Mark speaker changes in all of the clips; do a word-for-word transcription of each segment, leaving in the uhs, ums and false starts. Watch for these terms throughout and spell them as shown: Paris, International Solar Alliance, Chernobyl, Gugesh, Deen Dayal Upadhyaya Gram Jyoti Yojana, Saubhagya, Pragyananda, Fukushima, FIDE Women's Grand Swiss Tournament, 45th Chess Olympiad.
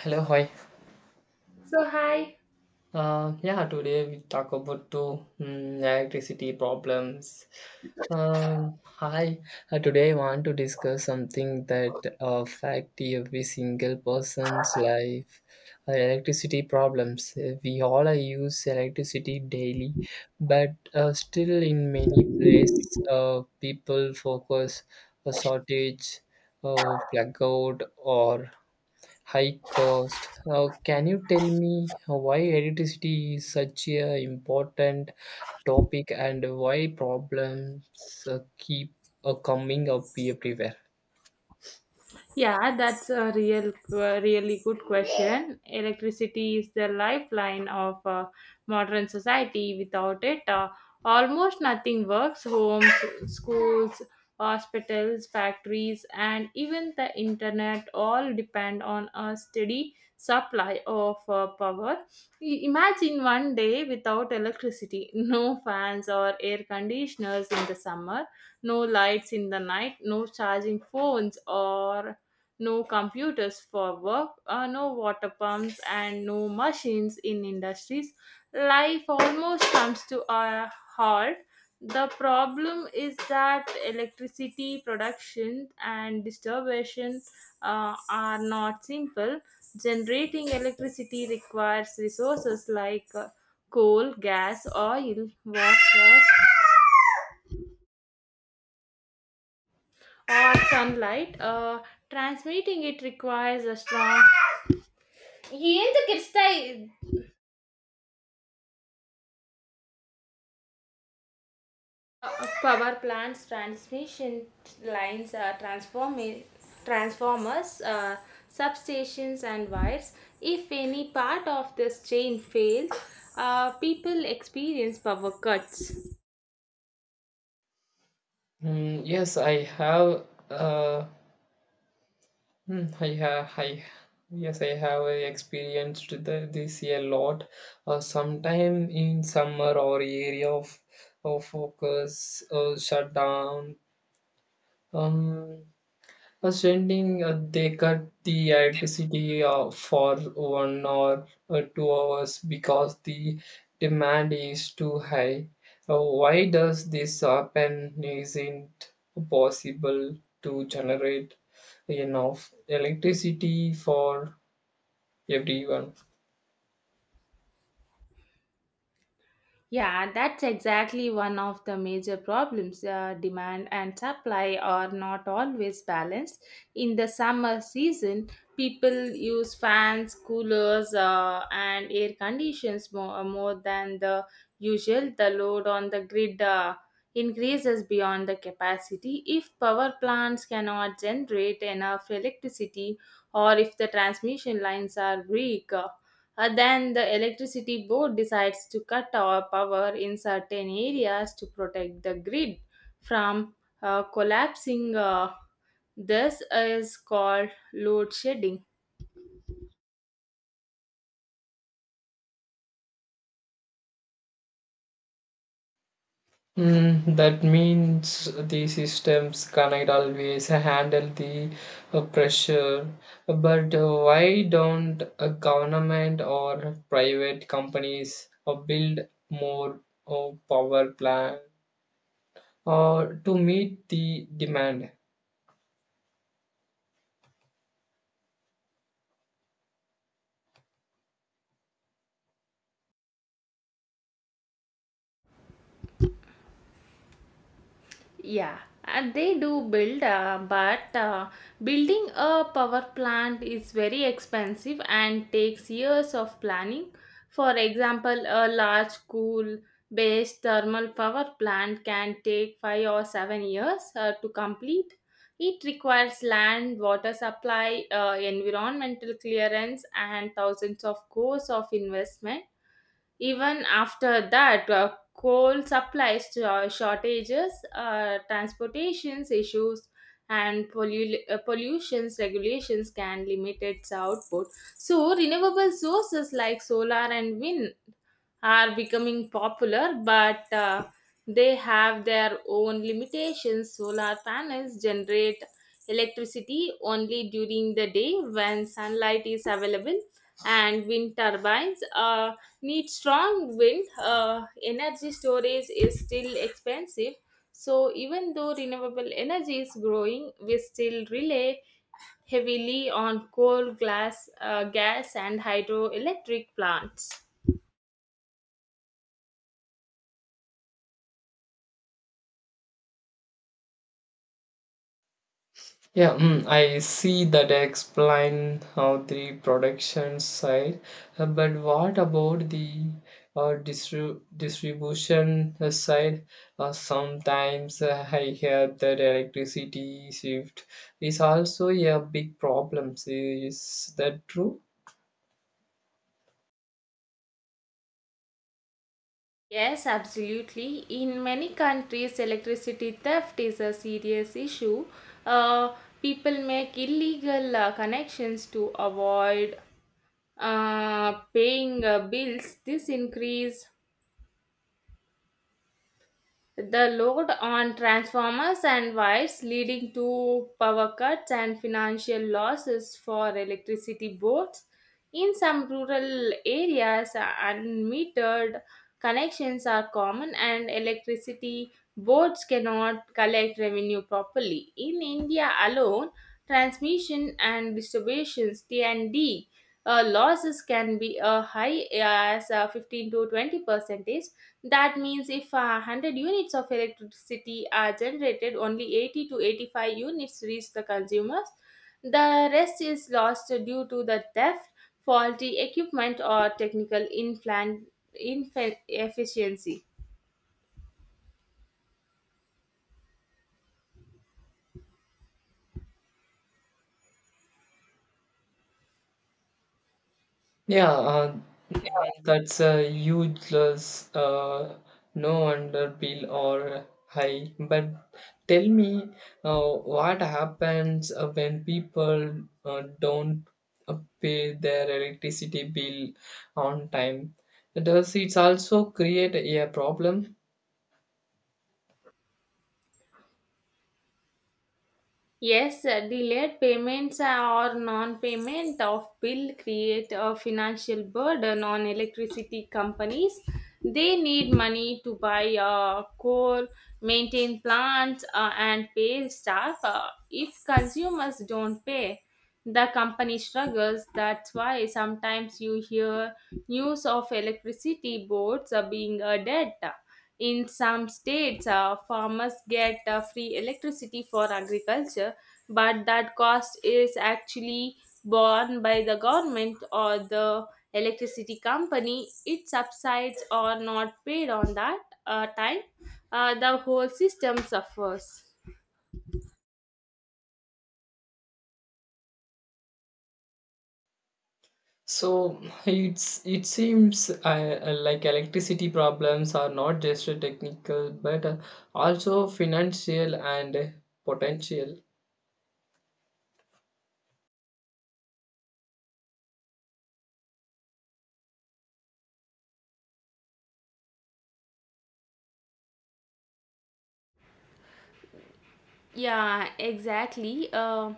Speaker 1: Hello, hi.
Speaker 2: So hi.
Speaker 1: Uh, yeah, today we talk about two mm, electricity problems. Um, hi. Uh, today I want to discuss something that affect every single person's life. Uh, electricity problems. Uh, We all uh, use electricity daily, but uh, still in many places, uh, people focus a shortage, uh, blackout, or high cost. Uh, can you tell me why electricity is such a important topic and why problems uh, keep uh, coming up everywhere?
Speaker 2: Yeah, that's a real, uh, really good question. Electricity is the lifeline of uh, modern society. Without it, uh, almost nothing works. Homes, schools, hospitals, factories, and even the internet all depend on a steady supply of uh, power. I- Imagine one day without electricity, no fans or air conditioners in the summer, no lights in the night, no charging phones or no computers for work, uh, no water pumps, and no machines in industries. Life almost comes to a halt. The problem is that electricity production and distribution uh, are not simple. Generating electricity requires resources like uh, coal, gas, oil, water, or sunlight. Uh, transmitting it requires a strong. ಏನ್ ಕಿರಿಸ್ತಾ Uh, uh, power plants, transmission lines, uh, transform- transformers, uh, substations, and wires. If any part of this chain fails, uh, people experience power cuts.
Speaker 1: Mm, yes, I have. Uh, hmm, I have. I yes, I have experienced the, this a lot. Uh, sometime in summer, our area of, of focus uh, shut down. Um, Uh, sending uh, they cut the electricity uh, for one or uh, two hours because the demand is too high. Uh, why does this happen? Isn't possible to generate enough electricity for everyone?
Speaker 2: Yeah, that's exactly one of the major problems. Uh, demand and supply are not always balanced. In the summer season, people use fans, coolers, uh, and air conditions more, more than the usual. The load on the grid uh, increases beyond the capacity. If power plants cannot generate enough electricity, or if the transmission lines are weak, uh, uh, then the electricity board decides to cut our power in certain areas to protect the grid from uh, collapsing. Uh, this is called load shedding.
Speaker 1: Mm, that means the systems cannot always handle the uh, pressure. But uh, why don't a government or private companies uh, build more uh, power plant or to meet the demand?
Speaker 2: Yeah, and they do build, uh, but uh, building a power plant is very expensive and takes years of planning. For example, a large coal based thermal power plant can take five or seven years uh, to complete. It requires land, water supply, uh, environmental clearance, and thousands of crores of investment even after that. Uh, coal supplies to our shortages, uh, transportations issues, and pollu- uh, pollutions regulations can limit its output. So, renewable sources like solar and wind are becoming popular, but uh, they have their own limitations. Solar panels generate electricity only during the day when sunlight is available, and wind turbines uh, need strong wind. Uh, energy storage is still expensive. So, even though renewable energy is growing, we still rely heavily on coal, glass, uh, gas, and hydroelectric plants.
Speaker 1: Yeah, mm, I see that explain how the production side, Uh, but what about the uh, distri- distribution uh, side? Uh, sometimes uh, I hear that electricity shift is also a big problem. Is that true?
Speaker 2: Yes, absolutely. In many countries, electricity theft is a serious issue. Uh, People make illegal uh, connections to avoid uh, paying uh, bills. This increase the load on transformers and wires leading to power cuts and financial losses for electricity boards. In some rural areas, unmetered connections are common and electricity boards cannot collect revenue properly. In India alone, transmission and distributions T and D uh, losses can be uh, high as uh, fifteen to twenty percentage. That means if uh, one hundred units of electricity are generated, only eighty to eighty-five units reach the consumers. The rest is lost due to the theft, faulty equipment, or technical inflan- inefficiency.
Speaker 1: Yeah, uh, mm, that's a huge loss. Uh, no wonder bill or high. But tell me, uh, what happens uh, when people uh, don't uh, pay their electricity bill on time? Does it also create a problem?
Speaker 2: Yes, uh, delayed payments or non-payment of bill create a financial burden on electricity companies. They need money to buy uh, coal, maintain plants, uh, and pay staff. Uh, if consumers don't pay, the company struggles. That's why sometimes you hear news of electricity boards uh, being a debt. In some states, uh, farmers get uh, free electricity for agriculture, but that cost is actually borne by the government or the electricity company. It subsides or not paid on that uh, time. Uh, the whole system suffers.
Speaker 1: So it's it seems uh, like electricity problems are not just technical, but uh, also financial and potential.
Speaker 2: Yeah, exactly. Um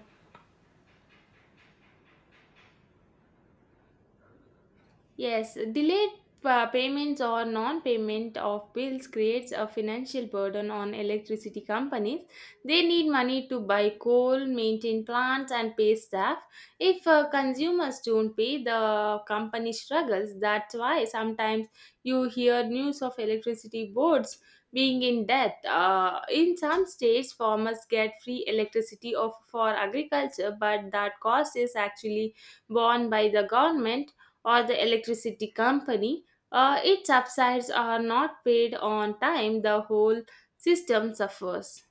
Speaker 2: Yes, delayed uh, payments or non-payment of bills creates a financial burden on electricity companies. They need money to buy coal, maintain plants, and pay staff. If uh, consumers don't pay, the company struggles. That's why sometimes you hear news of electricity boards being in debt. Uh, in some states, farmers get free electricity of, for agriculture, but that cost is actually borne by the government or the electricity company, uh, its subsides are not paid on time, the whole system suffers.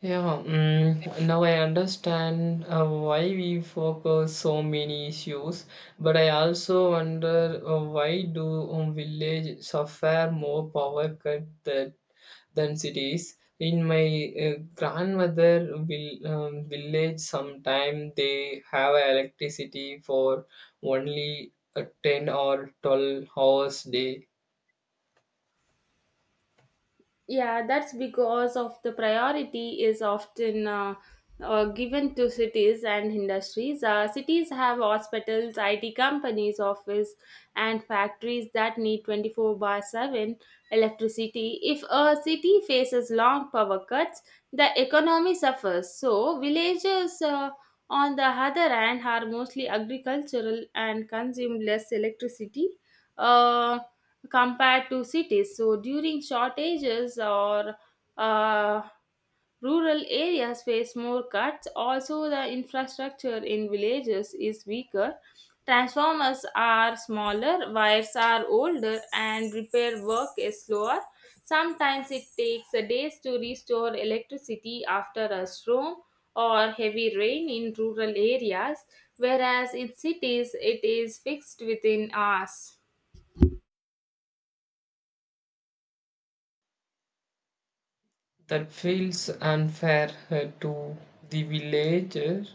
Speaker 1: Yeah, mm, Now I understand uh, why we focus so many issues, but I also wonder uh, why do um, village suffer more power cut than, than cities. In my uh, grandmother vil, um, village, sometime they have electricity for only uh, ten or twelve hours day.
Speaker 2: Yeah, that's because of the priority is often uh, uh, given to cities and industries. Uh, cities have hospitals, I T companies, office, and factories that need twenty-four by seven electricity. If a city faces long power cuts, the economy suffers. So, villages, uh, on the other hand, are mostly agricultural and consume less electricity. Uh, Compared to cities. So during shortages or uh, rural areas face more cuts. Also, the infrastructure in villages is weaker. Transformers are smaller, wires are older, and repair work is slower. Sometimes it takes a days to restore electricity after a storm or heavy rain in rural areas, whereas in cities it is fixed within hours.
Speaker 1: That feels unfair uh, to the villager.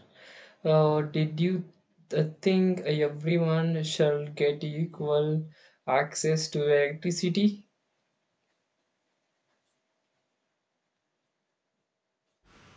Speaker 1: Uh, did you th- think everyone shall get equal access to electricity?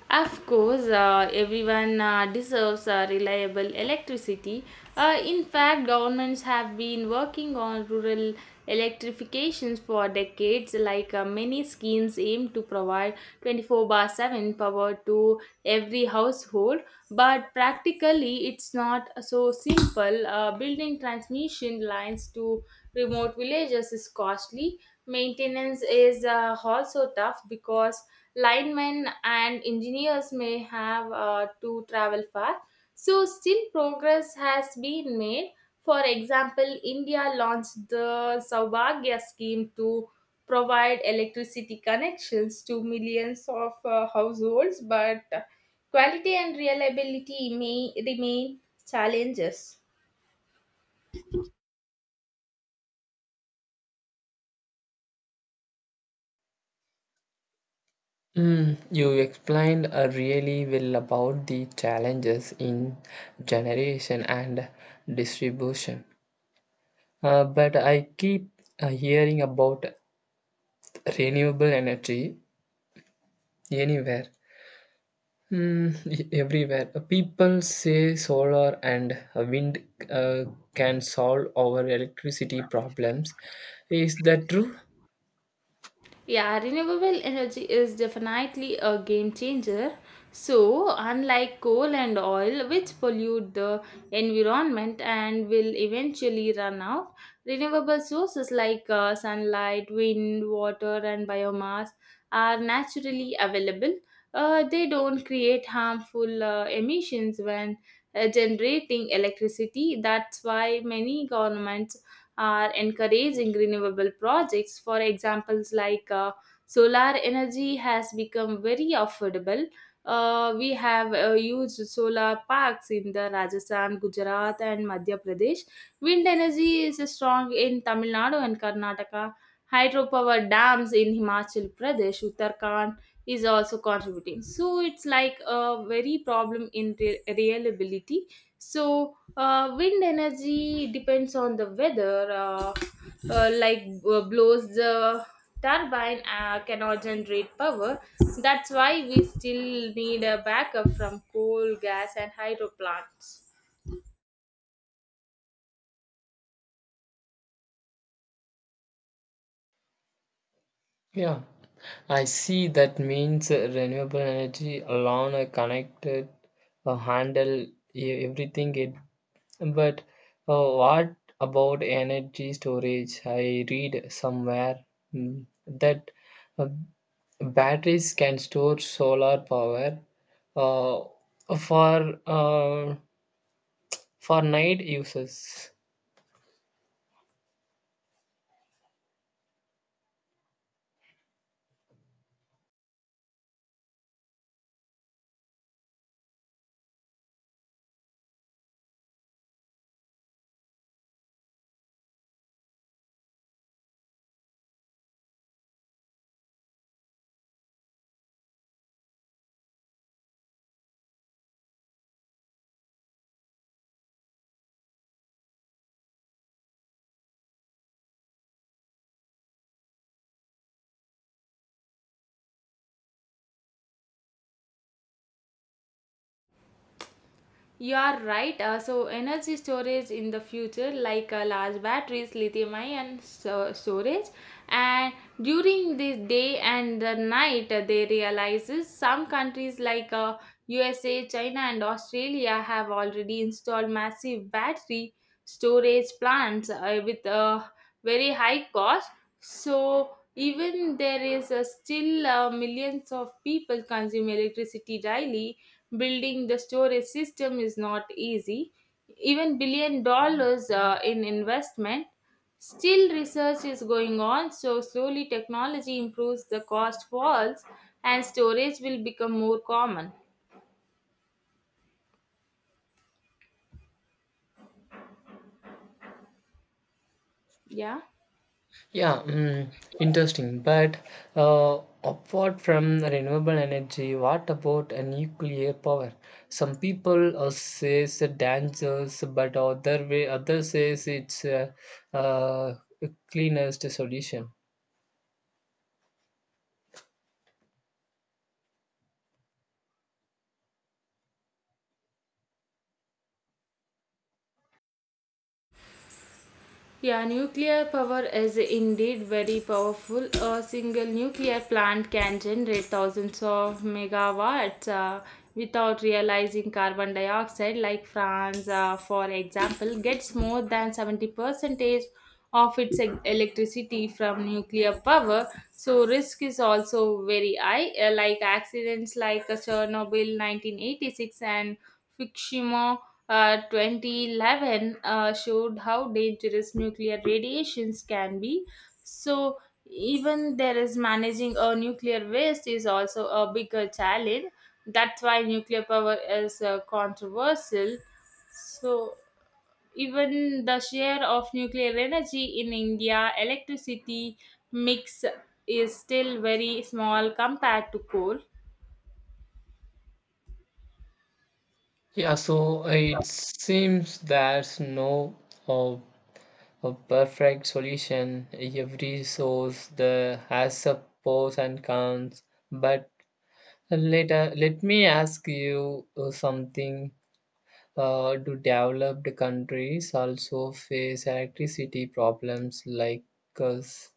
Speaker 2: Of course, uh, everyone uh, deserves uh, reliable electricity. Uh, in fact, governments have been working on rural electrifications for decades, like uh, many schemes aim to provide twenty-four bar seven power to every household. But practically, it's not so simple. Uh, building transmission lines to remote villages is costly. Maintenance is uh, also tough because linemen and engineers may have uh, to travel far. So, still progress has been made. For example, India launched the Saubhagya scheme to provide electricity connections to millions of uh, households, but quality and reliability may remain challenges.
Speaker 1: Mm, you explained uh, really well about the challenges in generation and distribution. Uh, but I keep uh, hearing about renewable energy anywhere. Hmm, e- everywhere. Uh, People say solar and uh, wind uh, can solve our electricity problems. Is that true?
Speaker 2: Yeah, renewable energy is definitely a game changer. So, unlike coal and oil, which pollute the environment and will eventually run out, renewable sources like uh, sunlight, wind, water, and biomass are naturally available. Uh, they don't create harmful uh, emissions when uh, generating electricity. That's why many governments are encouraging renewable projects. For examples, like uh, solar energy has become very affordable. Uh, we have uh, used solar parks in the Rajasthan, Gujarat, and Madhya Pradesh. Wind energy is strong in Tamil Nadu and Karnataka. Hydropower dams in Himachal Pradesh, Uttarakhand is also contributing. So it's like a very problem in re- reliability. So uh, wind energy depends on the weather, uh, uh, like uh, blows the turbine uh, cannot generate power. That's why we still need a backup from coal, gas, and hydro plants.
Speaker 1: Yeah, I see that means uh, renewable energy alone are connected uh, handle e- everything it but uh, what about energy storage? I read somewhere mm, that uh, batteries can store solar power uh, for uh, for night uses.
Speaker 2: You are right. Uh, so, energy storage in the future, like uh, large batteries, lithium ion so- storage, and during the day and the night, uh, they realizes some countries like uh, U S A, China, and Australia have already installed massive battery storage plants uh, with uh, very high cost. So even there is a still uh, millions of people consume electricity daily, building the storage system is not easy, even billion dollars uh, in investment, still research is going on, so slowly technology improves, the cost falls and storage will become more common. Yeah.
Speaker 1: Yeah, mm, Interesting. But uh, apart from renewable energy, what about uh, nuclear power? Some people uh, says the dangers, but other way, others says it's uh, uh, cleanest solution.
Speaker 2: Yeah, nuclear power is indeed very powerful. A single nuclear plant can generate thousands of megawatts uh, without realizing carbon dioxide. Like France, uh, for example, gets more than seventy percentage of its e- electricity from nuclear power. So risk is also very high. Uh, like accidents like uh, Chernobyl nineteen eighty-six and Fukushima uh, twenty eleven uh, showed how dangerous nuclear radiations can be. So, even there is managing a nuclear waste is also a bigger challenge. That's why nuclear power is uh, controversial. So, even the share of nuclear energy in India electricity mix is still very small compared to coal.
Speaker 1: Yeah, so uh, it seems there's no uh, a perfect solution. Every source the has a pros and cons. But later, let me ask you uh, something. Uh, do developed countries also face electricity problems like us?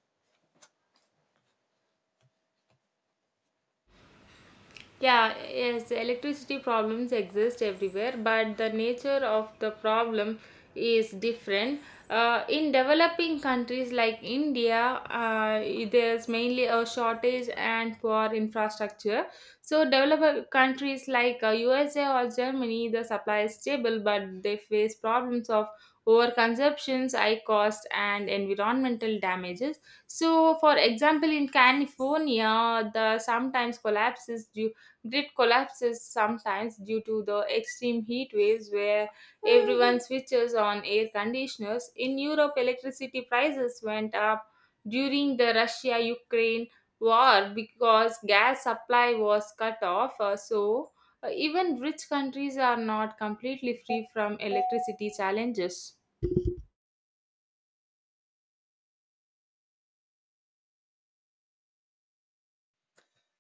Speaker 2: Yeah, yes, electricity problems exist everywhere, but the nature of the problem is different. Uh, in developing countries like India, uh, there's mainly a shortage and poor infrastructure. So, developed countries like uh, U S A or Germany, the supply is stable, but they face problems of overconsumptions, high cost, and environmental damages. So, for example, in California, the sometimes collapses due grid collapses sometimes due to the extreme heat waves where everyone switches on air conditioners. In Europe, electricity prices went up during the Russia Ukraine war because gas supply was cut off. Uh, so, uh, even rich countries are not completely free from electricity challenges.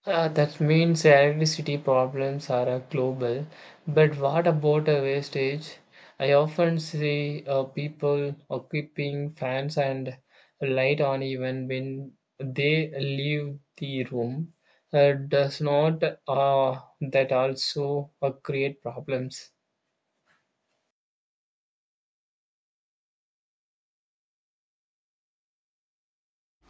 Speaker 1: Uh, that means electricity problems are uh, global. But what about uh, wastage? I often see uh, people uh, keeping fans and light on even when they leave the room. Uh, does not uh, that also uh, create problems?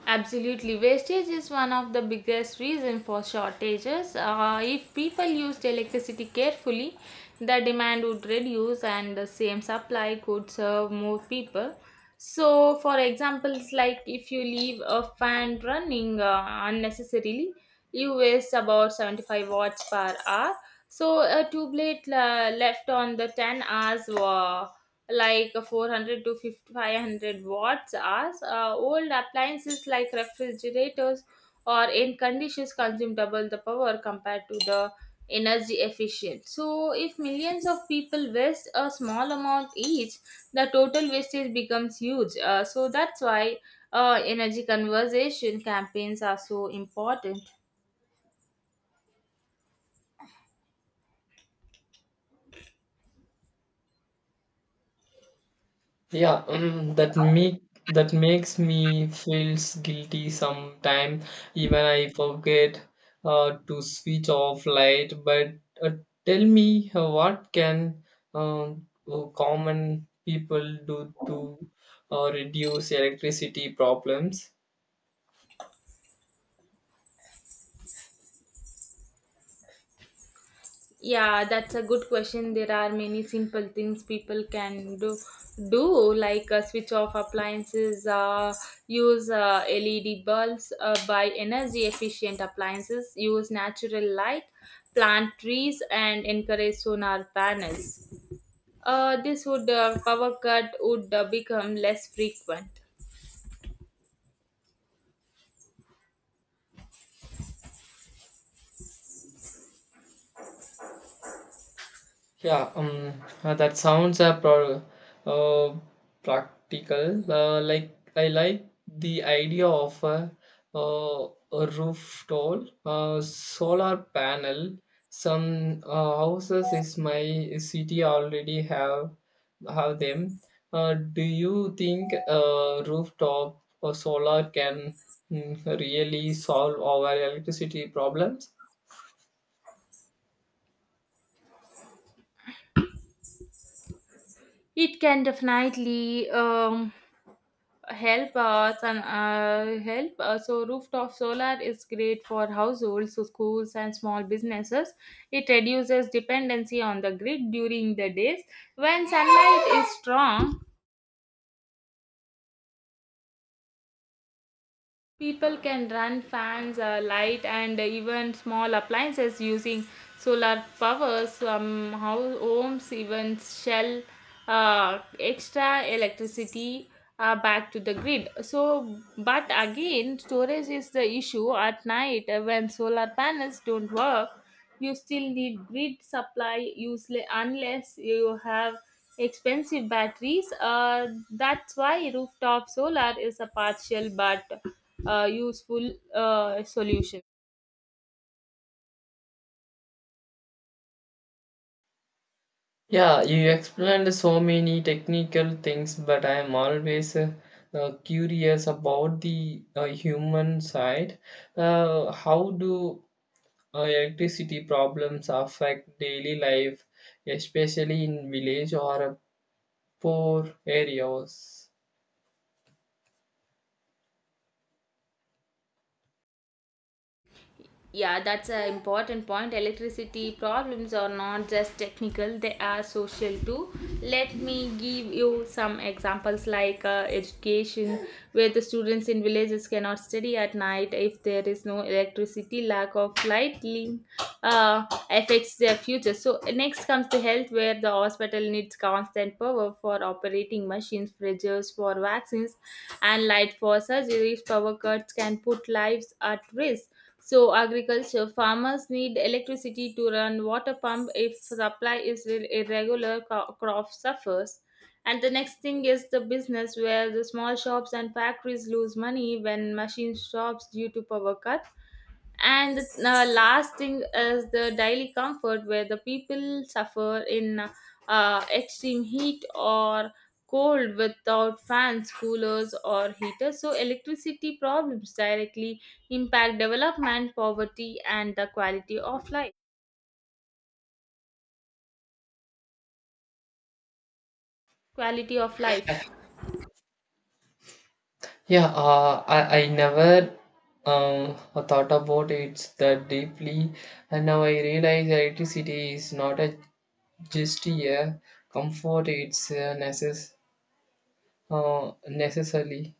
Speaker 2: Absolutely, wastage is one of the biggest reason for shortages. Uh, if people used electricity carefully, the demand would reduce and the same supply could serve more people. So, for example, it's like if you leave a fan running uh, unnecessarily, you waste about seventy-five watts per hour. So, a tube light uh, left on the ten hours uh, like four hundred to 50 500 watts hours. Uh, old appliances like refrigerators or air conditioners consume double the power compared to the energy efficient. So, if millions of people waste a small amount each, the total wastage becomes huge. Uh, so, that's why uh, energy conservation campaigns are so important.
Speaker 1: Yeah, um, that make that makes me feels guilty sometime. Even I forget uh, to switch off light. But uh, tell me, uh, what can um, uh, common people do to uh, reduce electricity problems?
Speaker 2: Yeah, that's a good question. There are many simple things people can do, do like uh, switch off appliances, uh, use uh, L E D bulbs, uh, buy energy efficient appliances, use natural light, plant trees, and encourage solar panels. Uh, this would uh, power cut would uh, become less frequent.
Speaker 1: Yeah, um, uh, that sounds a pro- uh, practical. Uh, like I like the idea of a, uh, a roof tall uh, solar panel. Some uh, houses is my city already have have them. Uh, do you think uh, rooftop or solar can mm, really solve our electricity problems?
Speaker 2: It can definitely um, help us and uh, help. Uh, so rooftop solar is great for households, so schools and small businesses. It reduces dependency on the grid during the days when sunlight is strong. People can run fans, uh, light, and even small appliances using solar power. Some hou- homes even sell uh, extra electricity uh, back to the grid. So, but again, storage is the issue at night uh, when solar panels don't work, you still need grid supply useless unless you have expensive batteries, uh, that's why rooftop solar is a partial but uh, useful uh, solution.
Speaker 1: Yeah, you explained so many technical things, but I am always uh, uh, curious about the uh, human side. Uh, how do uh, electricity problems affect daily life, especially in village or uh, poor areas?
Speaker 2: Yeah, that's an important point. Electricity problems are not just technical, they are social too. Let me give you some examples like uh, education, where the students in villages cannot study at night if there is no electricity. Lack of lighting uh, affects their future. So, next comes the health, where the hospital needs constant power for operating machines, fridges for vaccines, and light for surgeries. Power cuts can put lives at risk. So, agriculture farmers need electricity to run water pump, if supply is ir- irregular, co- crop suffers. And the next thing is the business, where the small shops and factories lose money when machines stops due to power cut. And the uh, last thing is the daily comfort, where the people suffer in uh, extreme heat or cold without fans, coolers or heaters. So electricity problems directly impact development, poverty and the quality of life quality of life
Speaker 1: Yeah, uh, I, I never um, thought about it that deeply, and now I realize electricity is not a, just a comfort, it's a necessity. Uh, necessarily.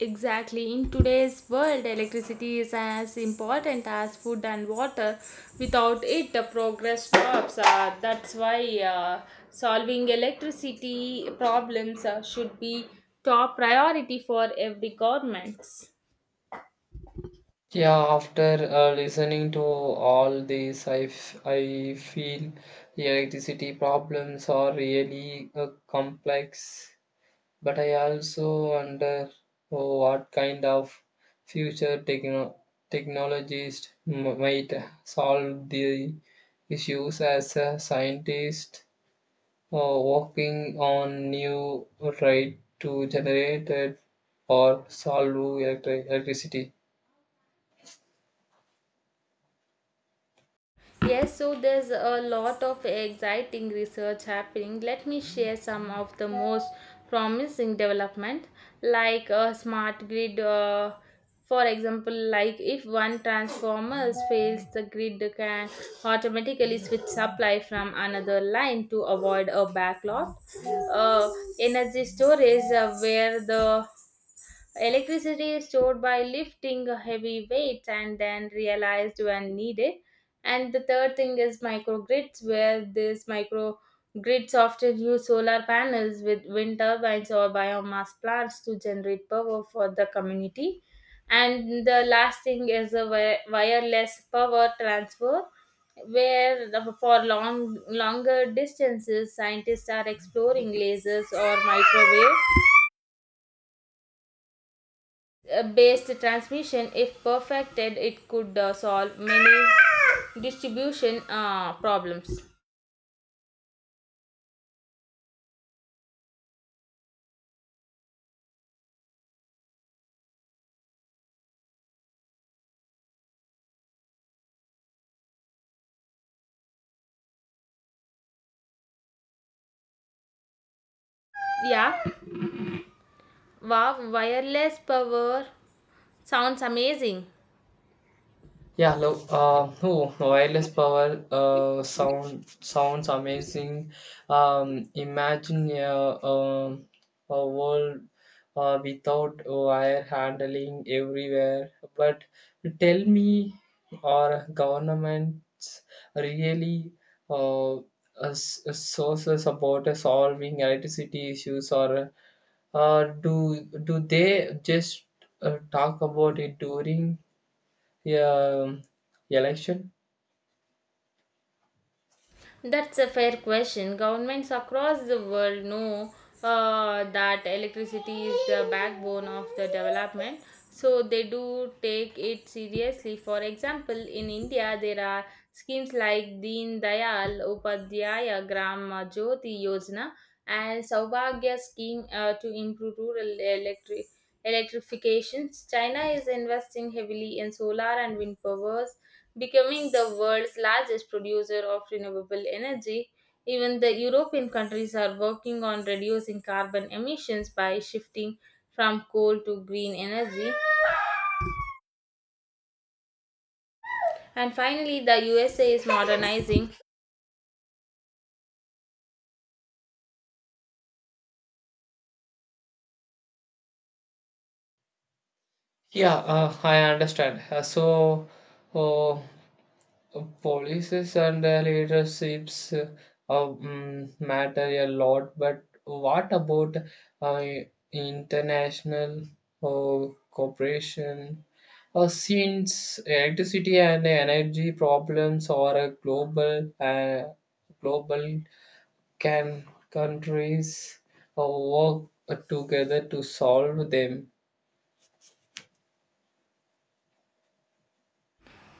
Speaker 2: Exactly. In today's world, electricity is as important as food and water. Without it, the progress stops. Uh, that's why uh, solving electricity problems uh, should be top priority for every government.
Speaker 1: Yeah, after uh, listening to all this, I, f- I feel the electricity problems are really uh, complex, but I also wonder oh, what kind of future techno- technologies m- might solve the issues as a scientist uh, working on new right to generate it or solve electric- electricity.
Speaker 2: Yes, so there's a lot of exciting research happening. Let me share some of the most promising development, like a smart grid. Uh, for example, like if one transformer fails, the grid can automatically switch supply from another line to avoid a backlog. Uh, energy storage, uh, where the electricity is stored by lifting heavy weights and then realized when needed. And the third thing is microgrids, where these microgrids often use solar panels with wind turbines or biomass plants to generate power for the community. And the last thing is a wi- wireless power transfer, where the- for long longer distances, scientists are exploring lasers or microwave uh, based transmission. If perfected, it could uh, solve many distribution uh, problems. Yeah. Wow, wireless power sounds amazing.
Speaker 1: Yeah, look, uh, oh, wireless power uh, sound sounds amazing. Um, imagine a, um a world uh, without wire handling everywhere. But tell me, our governments really uh, us- sources about solving electricity issues, or uh, do do they just uh, talk about it during? Yeah, um, Election.
Speaker 2: That's a fair question. Governments across the world know uh, that electricity is the backbone of the development, so they do take it seriously. For example, in India, there are schemes like Deen Dayal Upadhyaya Gram Jyoti Yojana and Saubhagya scheme, uh, to improve rural electric electrifications. China is investing heavily in solar and wind powers, becoming the world's largest producer of renewable energy. Even the European countries are working on reducing carbon emissions by shifting from coal to green energy. And finally, the U S A is modernizing.
Speaker 1: Yeah, uh, I understand. Uh, so, uh, policies and uh, leaderships uh, um, matter a lot, but what about uh, international uh, cooperation? Uh, since electricity and energy problems are a global, uh, global, can countries uh, work together to solve them?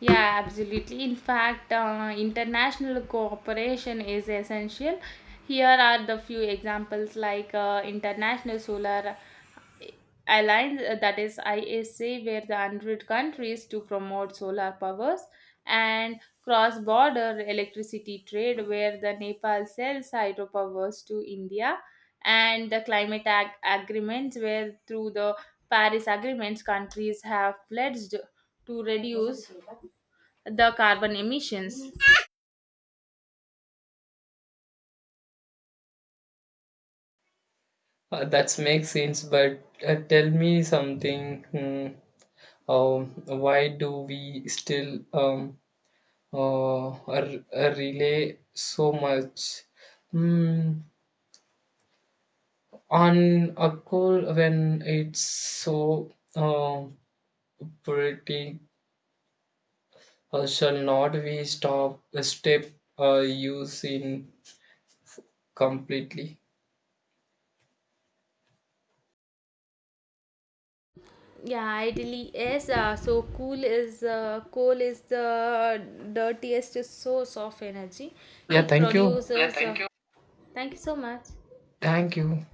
Speaker 2: Yeah, absolutely. In fact, uh, international cooperation is essential. Here are the few examples, like uh, International Solar Alliance, uh, that is I S A, where the one hundred countries to promote solar powers, and cross border electricity trade, where the Nepal sells hydropowers to India, and the climate ag- agreements, where through the Paris agreements, countries have pledged to reduce the carbon emissions.
Speaker 1: Uh, that makes sense, but uh, tell me something. hmm, um, why do we still um, uh, r- uh, relay so much mm, on a call when it's so um pretty? Uh, shall not we stop a step uh, using completely?
Speaker 2: Yeah, it really is. Uh, so cool is uh, coal is the dirtiest source of energy.
Speaker 1: Yeah,
Speaker 2: It Yeah,
Speaker 1: thank you.
Speaker 2: produces. Uh, thank uh, you. Thank you so much.
Speaker 1: Thank you.